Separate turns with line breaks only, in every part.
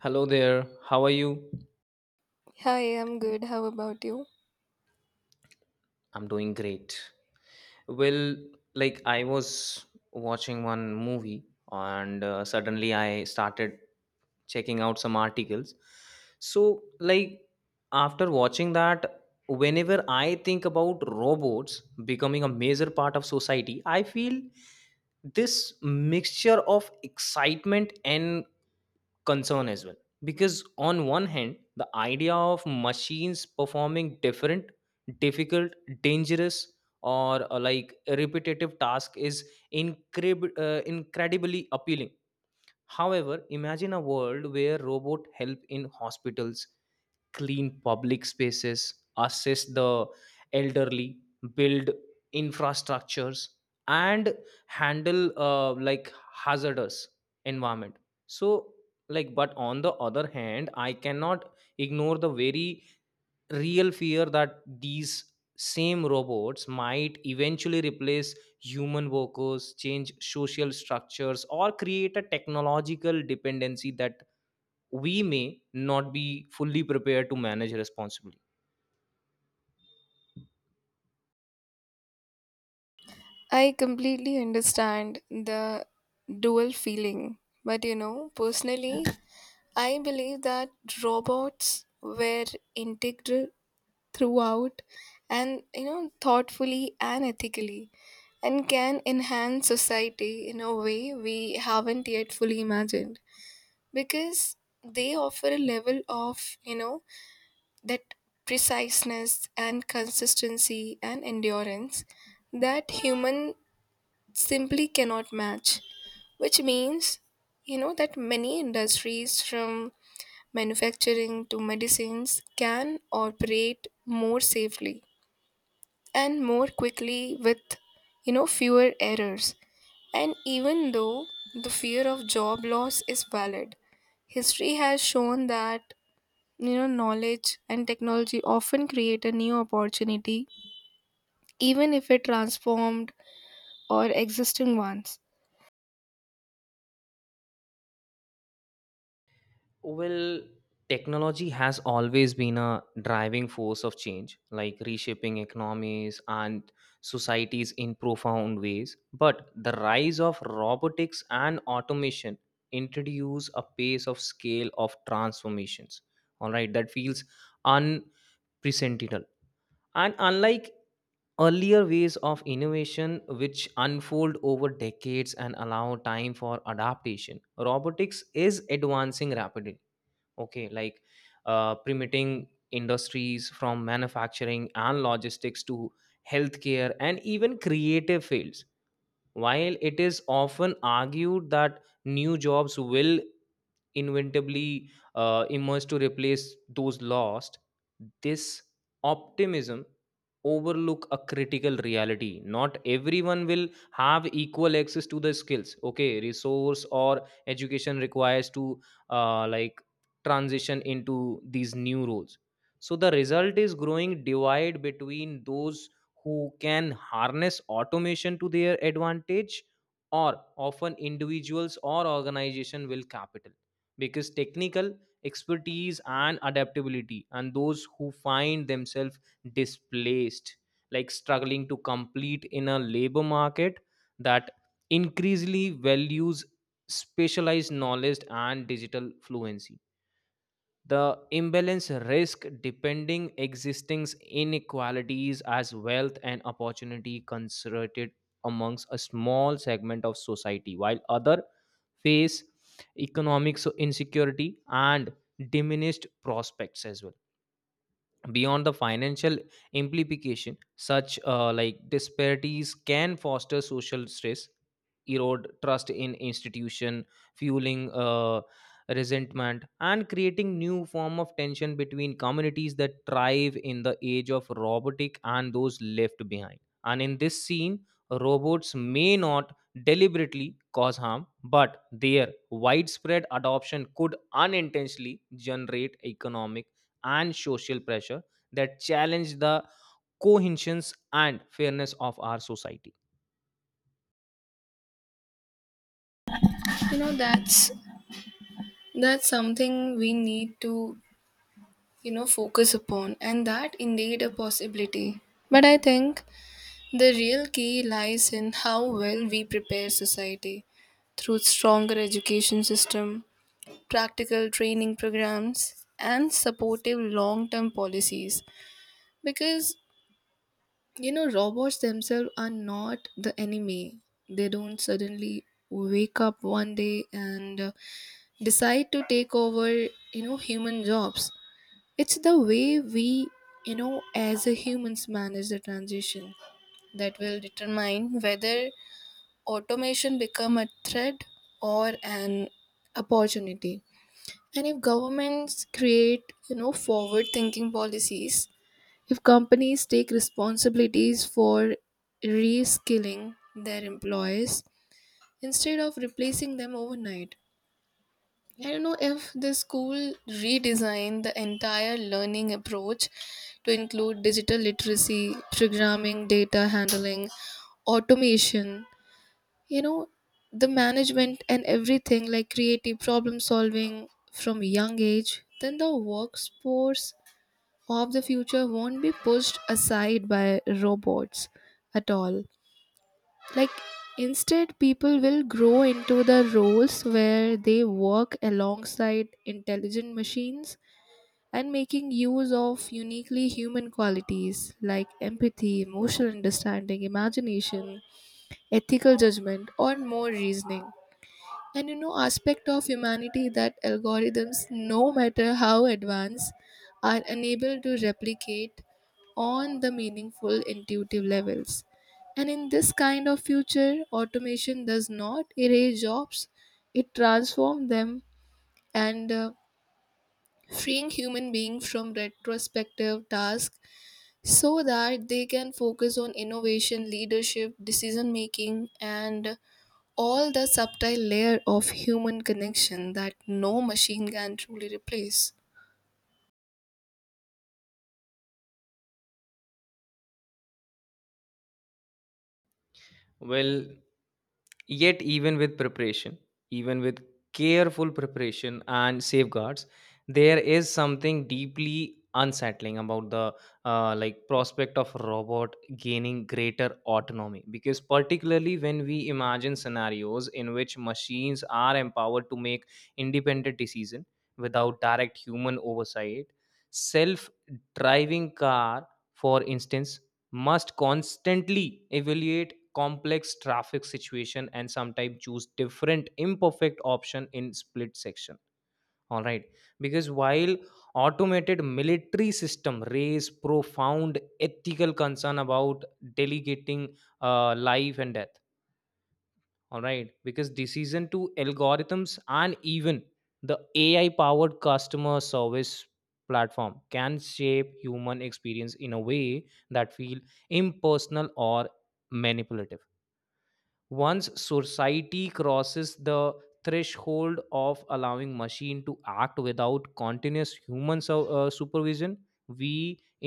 Hello there. How are you?
Hi, I'm good. How about you?
I'm doing great. Well, like I was watching one movie and suddenly I started checking out some articles. So after watching that, whenever I think about robots becoming a major part of society, I feel this mixture of excitement and concern as well because on one hand the idea of machines performing different difficult dangerous or repetitive task is incredibly appealing. However, imagine a world where robot help in hospitals, clean public spaces, assist the elderly, build infrastructures, and handle hazardous environment. So, but on the other hand, I cannot ignore the very real fear that these same robots might eventually replace human workers, change social structures, or create a technological dependency that we may not be fully prepared to manage responsibly.
I completely understand the dual feeling, but you know, personally, I believe that robots were integral throughout and you know, thoughtfully and ethically, and can enhance society in a way we haven't yet fully imagined, because they offer a level of you know that preciseness and consistency and endurance that human simply cannot match, which means you know that many industries from manufacturing to medicines can operate more safely and more quickly with you know fewer errors. And even though the fear of job loss is valid, history has shown that you know knowledge and technology often create a new opportunity, even if it transformed or existing ones.
Well, technology has always been a driving force of change, like reshaping economies and societies in profound ways. But the rise of robotics and automation introduce a pace of scale of transformations. All right, that feels unprecedented. And unlike earlier ways of innovation which unfold over decades and allow time for adaptation, robotics is advancing rapidly, okay, like permitting industries from manufacturing and logistics to healthcare and even creative fields. While it is often argued that new jobs will inventively emerged to replace those lost, this optimism overlook a critical reality: not everyone will have equal access to the skills, okay, resource or education requires to uh, like transition into these new roles. So the result is growing divide between those who can harness automation to their advantage, or often individuals or organization will capital because technical expertise and adaptability, and those who find themselves displaced, like struggling to complete in a labor market that increasingly values specialized knowledge and digital fluency. The imbalance risk depending existing inequalities as wealth and opportunity concentrated amongst a small segment of society while other face economic insecurity and diminished prospects as well. Beyond the financial implication, such disparities can foster social stress, erode trust in institution, fueling resentment, and creating new form of tension between communities that thrive in the age of robotic and those left behind. And in this scene, robots may not deliberately cause harm, but their widespread adoption could unintentionally generate economic and social pressure that challenge the cohesions and fairness of our society.
You know that's something we need to you know focus upon, and that indeed a possibility, but I think the real key lies in how well we prepare society through stronger education system, practical training programs and supportive long-term policies. Because you know, robots themselves are not the enemy. They don't suddenly wake up one day and decide to take over, you know, human jobs. It's the way we, you know, as a humans manage the transition that will determine whether automation become a threat or an opportunity. And if governments create, you know, forward thinking policies, if companies take responsibilities for reskilling their employees instead of replacing them overnight, I don't know if the school redesign the entire learning approach to include digital literacy, programming, data handling, automation, you know, the management and everything like creative problem solving from young age, then the workforce of the future won't be pushed aside by robots at all. Like, instead, people will grow into the roles where they work alongside intelligent machines and making use of uniquely human qualities like empathy, emotional understanding, imagination, ethical judgment, or more reasoning, and you know aspect of humanity that algorithms no matter how advanced are unable to replicate on the meaningful intuitive levels. And in this kind of future automation does not erase jobs, it transforms them, and freeing human beings from retrospective tasks so that they can focus on innovation leadership decision making and all the subtle layer of human connection that no machine can truly replace.
Well, yet, even with preparation, even with careful preparation and safeguards, there is something deeply unsettling about the prospect of robot gaining greater autonomy, because particularly when we imagine scenarios in which machines are empowered to make independent decision without direct human oversight. Self driving car, for instance, must constantly evaluate complex traffic situation and sometimes choose different imperfect option in split section, all right, because while automated military system raise profound ethical concern about delegating life and death, all right, because decision to algorithms, and even the ai powered customer service platform can shape human experience in a way that feel impersonal or manipulative. Once society crosses the threshold of allowing machine to act without continuous human supervision, we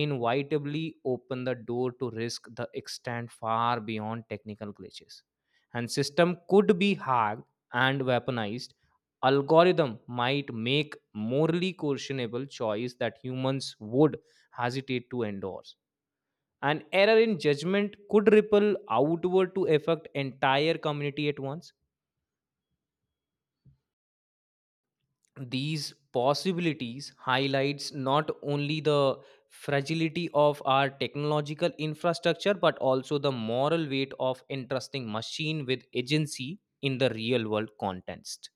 inevitably open the door to risk the extent far beyond technical glitches. And system could be hacked and weaponized, algorithm might make morally questionable choice that humans would hesitate to endorse, an error in judgment could ripple outward to affect entire community at once. These possibilities highlights not only the fragility of our technological infrastructure but also the moral weight of entrusting machine with agency in the real world context.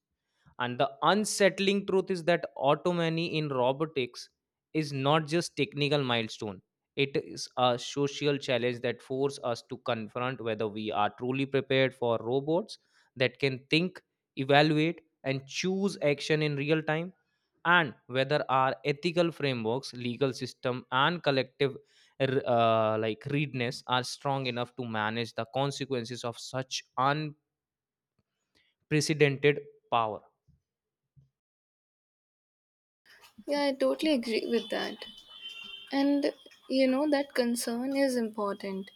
And the unsettling truth is that autonomy in robotics is not just technical milestone. It is a social challenge that forces us to confront whether we are truly prepared for robots that can think, evaluate, and choose action in real time, and whether our ethical frameworks, legal system, and collective readiness are strong enough to manage the consequences of such unprecedented power.
Yeah, I totally agree with that. And you know, that concern is important.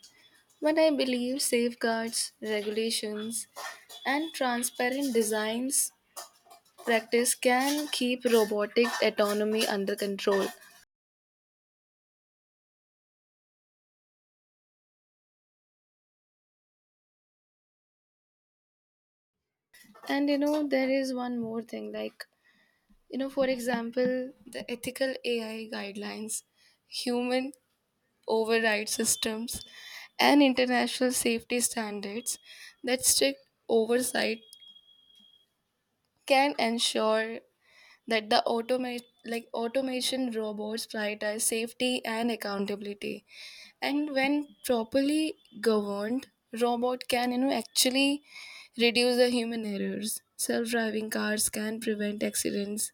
But I believe safeguards, regulations, and transparent designs practice can keep robotic autonomy under control. And you know, there is one more thing like, you know, for example, the ethical AI guidelines, human override systems, and international safety standards, that strict oversight can ensure that the automate like automation robots prioritize safety and accountability. And when properly governed, robot can you know actually reduce the human errors. Self-driving cars can prevent accidents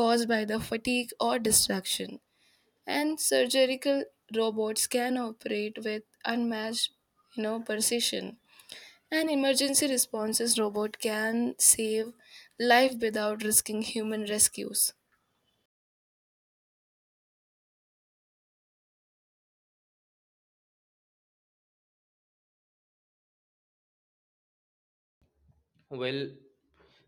caused by the fatigue or distraction, and surgical robots can operate with unmatched you know precision. An emergency responses robot can save life without risking human rescues.
Well,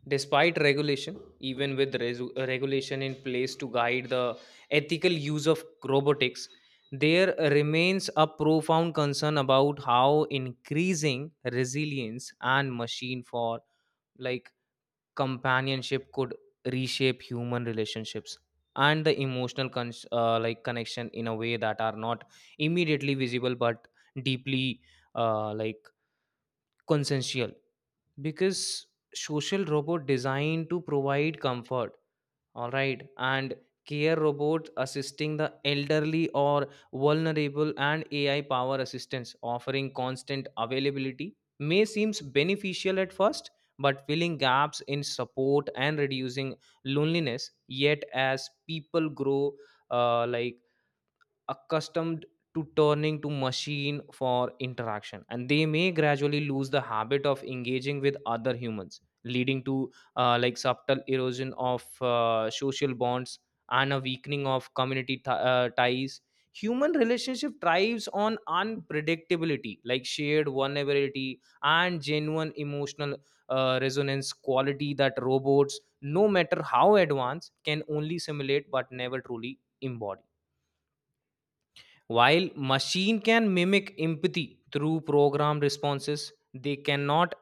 despite regulation, even with regulation in place to guide the ethical use of robotics, there remains a profound concern about how increasing resilience and machine for like companionship could reshape human relationships and the emotional connection in a way that are not immediately visible but deeply uh, like consensual, because social robot designed to provide comfort, all right, and care robot assisting the elderly or vulnerable, and ai power assistance offering constant availability may seems beneficial at first but filling gaps in support and reducing loneliness. Yet as people grow uh, like accustomed to turning to machine for interaction, and they may gradually lose the habit of engaging with other humans, leading to subtle erosion of social bonds and a weakening of community ties. Human relationship thrives on unpredictability, like shared vulnerability and genuine emotional resonance quality that robots, no matter how advanced, can only simulate but never truly embody. While machine can mimic empathy through programmed responses, they cannot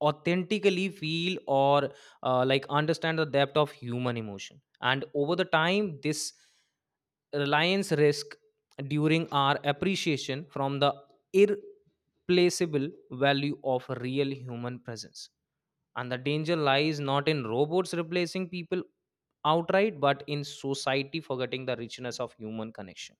authentically feel or understand the depth of human emotion. And over the time, this reliance risk during our appreciation from the irreplaceable value of real human presence. And the danger lies not in robots replacing people outright, but in society forgetting the richness of human connection,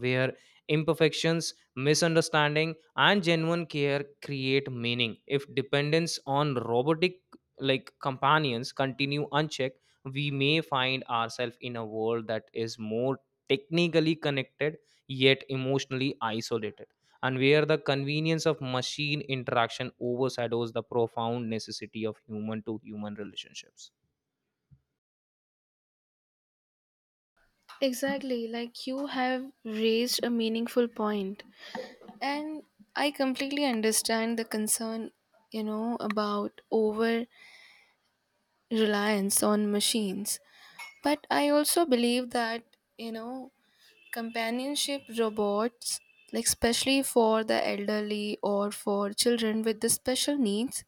where imperfections, misunderstanding, and genuine care create meaning. If dependence on robotic like companions continue unchecked, we may find ourselves in a world that is more technically connected yet emotionally isolated, and where the convenience of machine interaction overshadows the profound necessity of human to human relationships.
Exactly, like you have raised a meaningful point. And I completely understand the concern, you know, about over reliance on machines. But I also believe that you know companionship robots, like especially for the elderly or for children with the special needs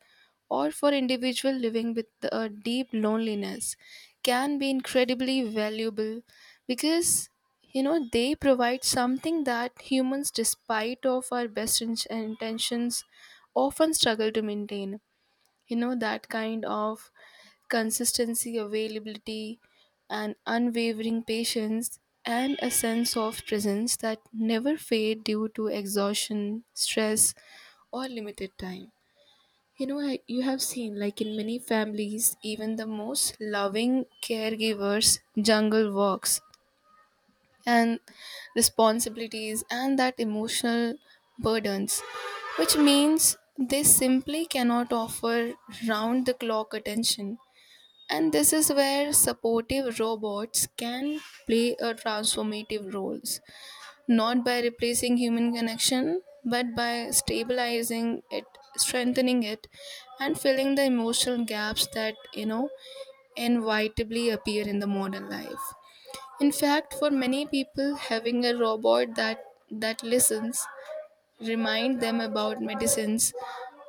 or for individual living with a deep loneliness, can be incredibly valuable. Because you know they provide something that humans, despite of our best intentions, often struggle to maintain. You know that kind of consistency availability and unwavering patience, and a sense of presence that never fade due to exhaustion stress or limited time. You know you have seen like in many families even the most loving caregivers jungle walks and responsibilities and that emotional burdens, which means they simply cannot offer round the clock attention. And this is where supportive robots can play a transformative roles, not by replacing human connection, but by stabilizing it, strengthening it, and filling the emotional gaps that, you know, inevitably appear in the modern life. In fact, for many people, having a robot that listens, remind them about medicines,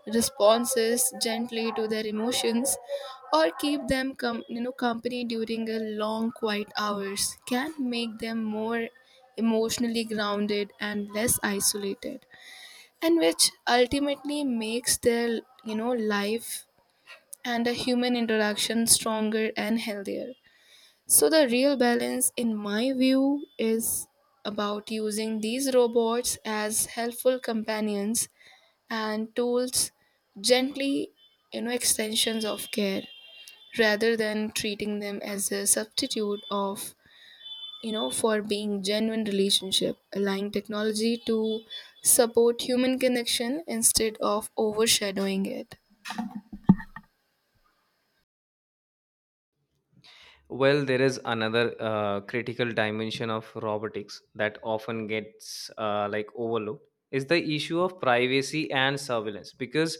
responses gently to their emotions, or keep them you know company during a long quiet hours, can make them more emotionally grounded and less isolated, and which ultimately makes their you know life and a human interaction stronger and healthier. So, the real balance, in my view, is about using these robots as helpful companions and tools, gently, you know, extensions of care, rather than treating them as a substitute of, you know, for being genuine relationship, allowing technology to support human connection instead of overshadowing it.
Well, there is another critical dimension of robotics that often gets overlooked is the issue of privacy and surveillance, because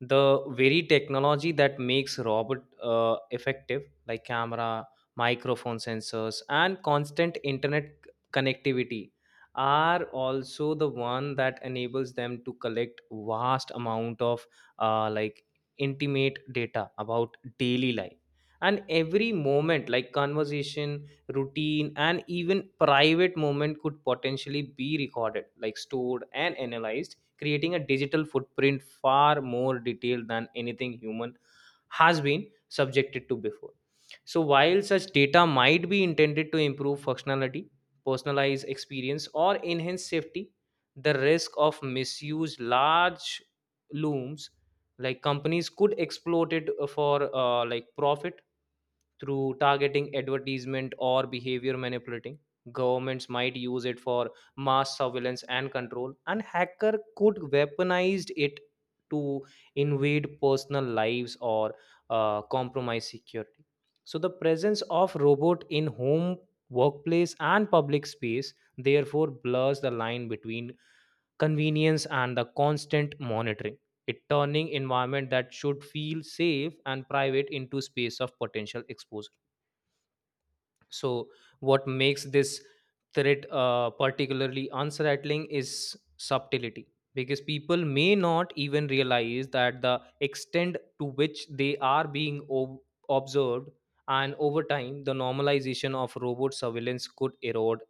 the very technology that makes robot effective, like camera, microphone sensors, and constant internet connectivity, are also the one that enables them to collect vast amount of uh, like intimate data about daily life. And every moment, like conversation, routine, and even private moment could potentially be recorded, like stored and analyzed, creating a digital footprint far more detailed than anything human has been subjected to before. So while such data might be intended to improve functionality, personalize experience, or enhance safety, the risk of misuse large looms. Like companies could exploit it for profit through targeting advertisement or behavior manipulating, governments might use it for mass surveillance and control, and hacker could weaponized it to invade personal lives or compromise security. So the presence of robot in home, workplace, and public space therefore blurs the line between convenience and the constant monitoring, it turning environment that should feel safe and private into space of potential exposure. So, what makes this threat particularly answer rattling is subtlety, because people may not even realize that the extent to which they are being observed, and over time, the normalization of robot surveillance could erode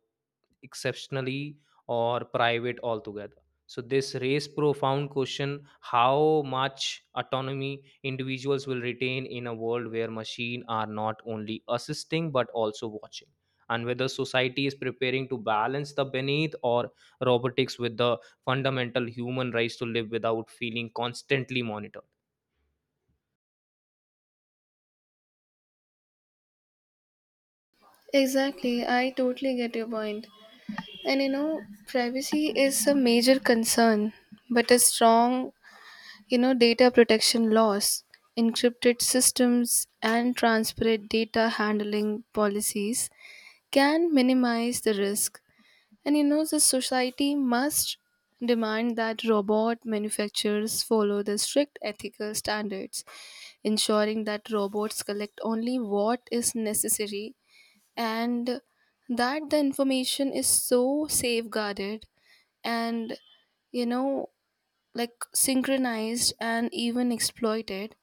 exceptionally or private altogether. So this raised profound question: how much autonomy individuals will retain in a world where machines are not only assisting but also watching, and whether society is preparing to balance the beneath or robotics with the fundamental human rights to live without feeling constantly monitored.
Exactly, I totally get your point. And you know, privacy is a major concern, but a strong, you know, data protection laws, encrypted systems, and transparent data handling policies can minimize the risk. And you know, the society must demand that robot manufacturers follow the strict ethical standards, ensuring that robots collect only what is necessary, and that the information is so safeguarded, and you know like synchronized and even exploited.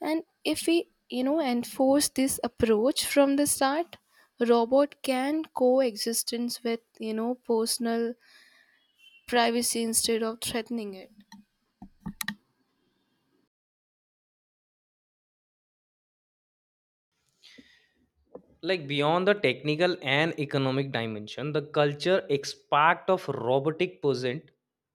And if we you know enforce this approach from the start, robot can coexistence with you know personal privacy instead of threatening it.
Like beyond the technical and economic dimension, the culture aspect of robotic present,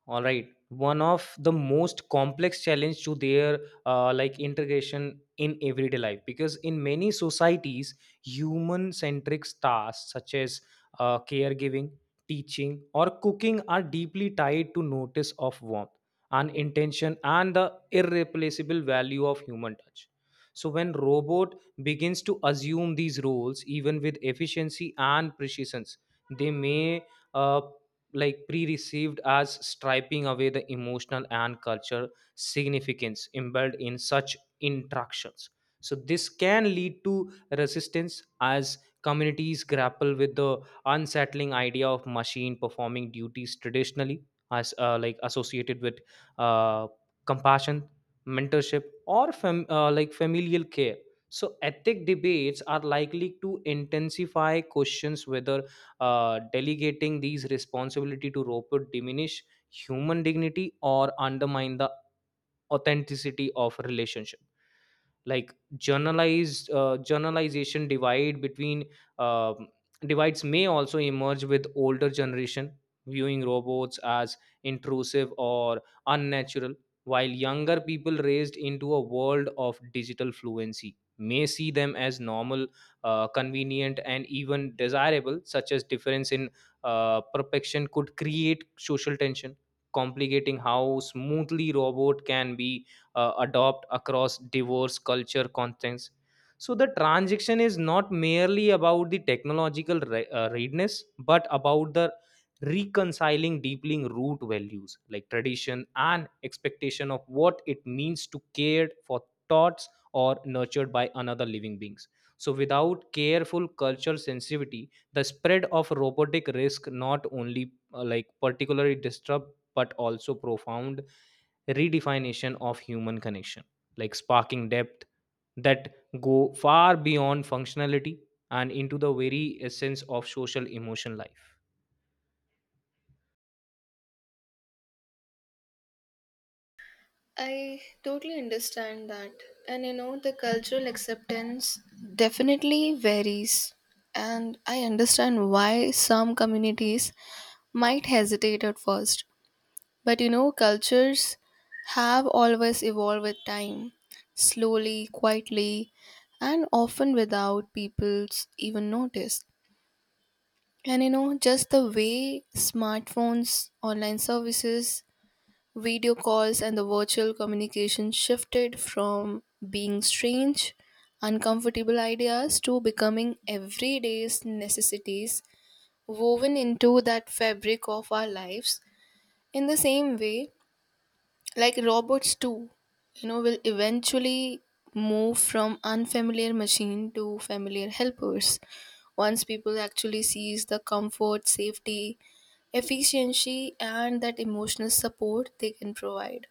all right, one of the most complex challenge to their integration in everyday life, because in many societies human centric tasks such as caregiving, teaching, or cooking are deeply tied to notice of warmth and intention and the irreplaceable value of human touch. So when robot begins to assume these roles, even with efficiency and precision, they may uh, pre-received as striping away the emotional and cultural significance embedded in such interactions. So this can lead to resistance as communities grapple with the unsettling idea of machine performing duties traditionally as associated with uh, compassion, mentorship, or familial care. So ethic debates are likely to intensify questions whether delegating these responsibility to robot diminish human dignity or undermine the authenticity of relationship, like journalized journalization divide between um divides may also emerge, with older generation viewing robots as intrusive or unnatural, while younger people raised into a world of digital fluency may see them as normal, convenient and even desirable. Such as difference in perfection could create social tension, complicating how smoothly robot can be adopt across diverse culture contexts. So the transaction is not merely about the technological readiness but about the reconciling deeply root values like tradition and expectation of what it means to care for thoughts or nurtured by another living beings. So without careful cultural sensitivity, the spread of robotic risk not only particularly disrupt but also profound redefinition of human connection, like sparking depth that go far beyond functionality and into the very essence of social emotion life.
I totally understand that. And you know, the cultural acceptance definitely varies. And I understand why some communities might hesitate at first. But you know, cultures have always evolved with time, slowly, quietly, and often without people's even notice. And you know, just the way smartphones, online services, video calls and the virtual communication shifted from being strange, uncomfortable ideas to becoming everyday's necessities woven into that fabric of our lives. In the same way, like robots too, you know, will eventually move from unfamiliar machine to familiar helpers. Once people actually sees the comfort, safety, efficiency and that emotional support they can provide.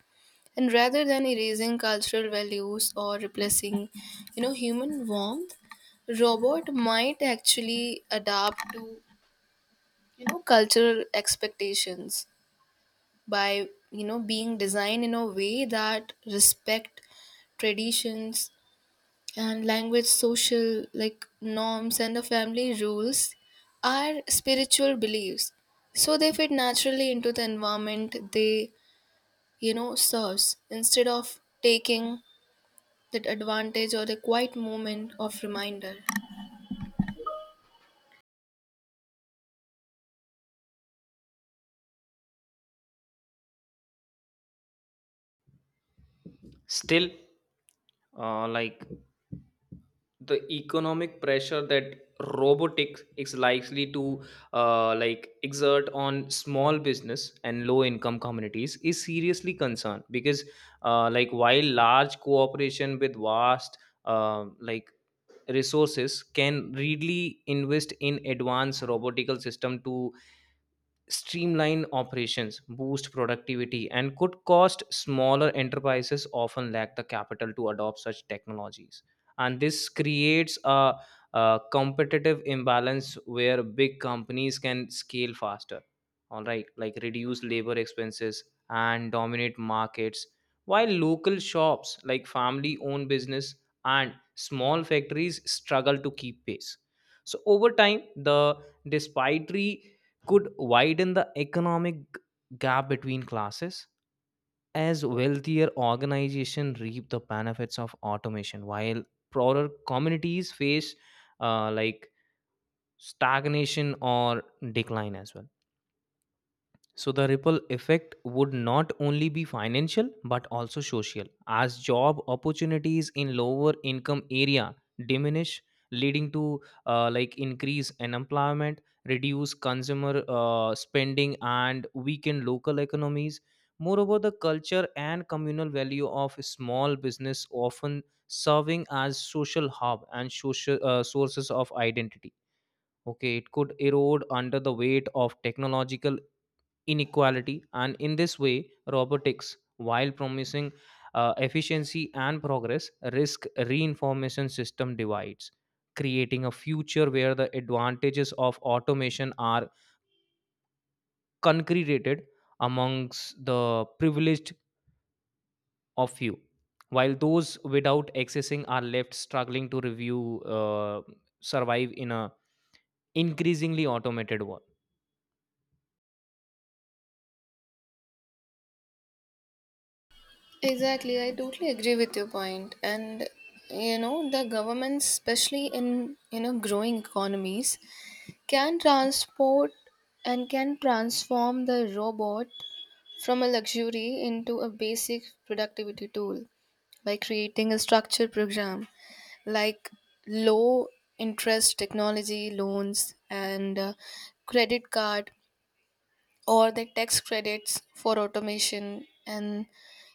And rather than erasing cultural values or replacing, you know, human warmth, robot might actually adapt to, you know, cultural expectations by, you know, being designed in a way that respect traditions and language social like norms and the family rules are spiritual beliefs, so they fit naturally into the environment they you know serves instead of taking that advantage or a quiet moment of reminder.
Still, uh, like the economic pressure that robotics is likely to exert on small business and low income communities is Seriously concerned because while large cooperation with vast uh, like resources can really invest in advanced robotical system to streamline operations, boost productivity, and could cost smaller enterprises often lack the capital to adopt such technologies. And this creates a competitive imbalance where big companies can scale faster, all right, like reduce labor expenses and dominate markets, while local shops like family owned business and small factories struggle to keep pace. So over time, the despitefully could widen the economic gap between classes as wealthier organizations reap the benefits of automation while poorer communities face uh, like stagnation or decline as well. So the ripple effect would not only be financial but also social, as job opportunities in lower income area diminish, leading to increase unemployment, reduce consumer spending, and weaken local economies. Moreover, the culture and communal value of small business often serving as social hub and social sources of identity. Okay, it could erode under the weight of technological inequality, and in this way robotics, while promising efficiency and progress, risk reinformation system divides, creating a future where the advantages of automation are concreted amongst the privileged of few, while those without accessing are left struggling to review survive in a increasingly automated world.
Exactly, I totally agree with your point. And you know, the governments, especially in you know growing economies, can transport and can transform the robot from a luxury into a basic productivity tool by creating a structured program like low interest technology loans and credit card or the tax credits for automation, and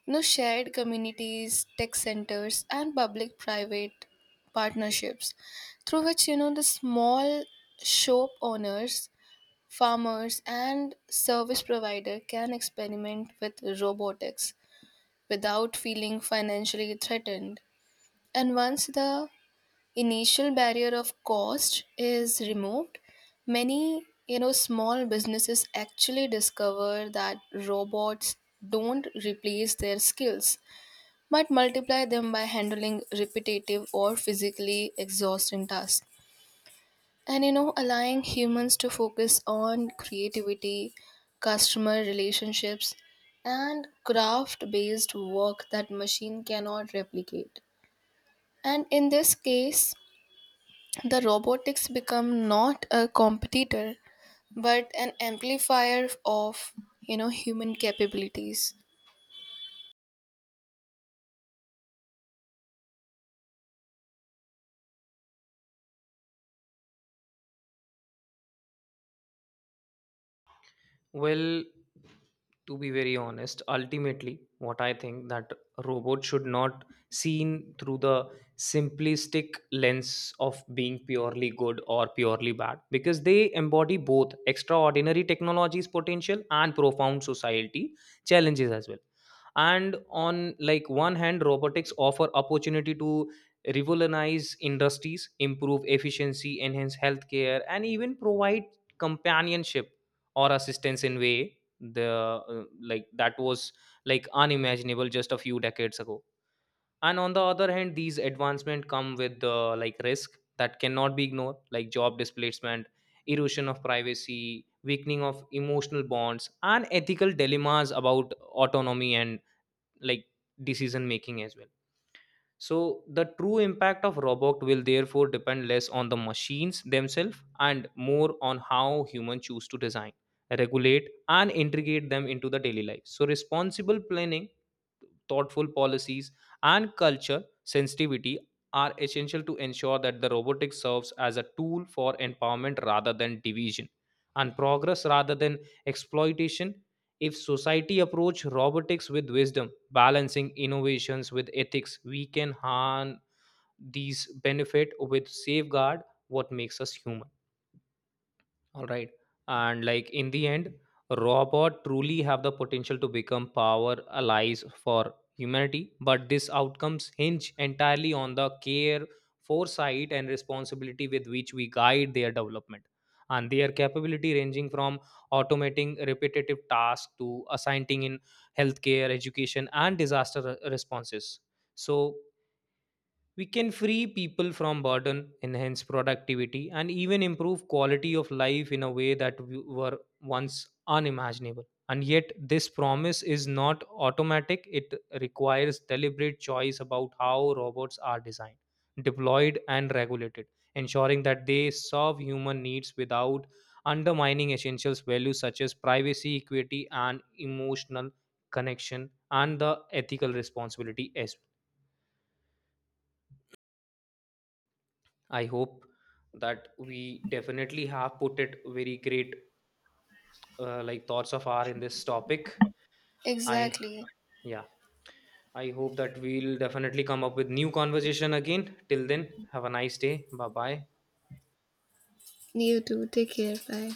you know shared communities tech centers and public private partnerships, through which you know the small shop owners, farmers and service provider can experiment with robotics without feeling financially threatened. And once the initial barrier of cost is removed, many you know small businesses actually discover that robots don't replace their skills but multiply them by handling repetitive or physically exhausting tasks, and you know allowing humans to focus on creativity, customer relationships, and craft based work that machine cannot replicate. And in this case the robotics become not a competitor but an amplifier of you know human capabilities.
Well, to be very honest, ultimately, what I think that robots should not seen through the simplistic lens of being purely good or purely bad, because they embody both extraordinary technology's potential and profound society challenges as well. And on like one hand, robotics offer opportunity to revolutionize industries, improve efficiency, enhance healthcare, and even provide companionship or assistance in way the that was like unimaginable just a few decades ago. And on the other hand, these advancement come with the like risk that cannot be ignored, like job displacement, erosion of privacy, weakening of emotional bonds, and ethical dilemmas about autonomy and, like, decision making as well. So, the true impact of robot will therefore depend less on the machines themselves and more on how humans choose to design, regulate, and integrate them into the daily life. So, responsible planning, thoughtful policies, and culture sensitivity are essential to ensure that the robotics serves as a tool for empowerment rather than division, and progress rather than exploitation. If society approach robotics with wisdom, balancing innovations with ethics, we can harn these benefit with safeguard what makes us human. All right. And like in the end, robot truly have the potential to become power allies for humanity, but these outcomes hinge entirely on the care, foresight, and responsibility with which we guide their development. And their capability ranging from automating repetitive tasks to assigning in healthcare, education, and disaster responses. So we can free people from burden, enhance productivity, and even improve quality of life in a way that were once unimaginable. And yet, this promise is not automatic. It requires deliberate choice about how robots are designed, deployed, and regulated, ensuring that they serve human needs without undermining essential values such as privacy, equity, and emotional connection, and the ethical responsibility as well. I hope that we definitely have put it very great thoughts of our in this topic. I
Exactly.
yeah, I hope that we'll definitely come up with new conversation again. Till then, have a nice day. Bye bye.
You too. Take care. Bye.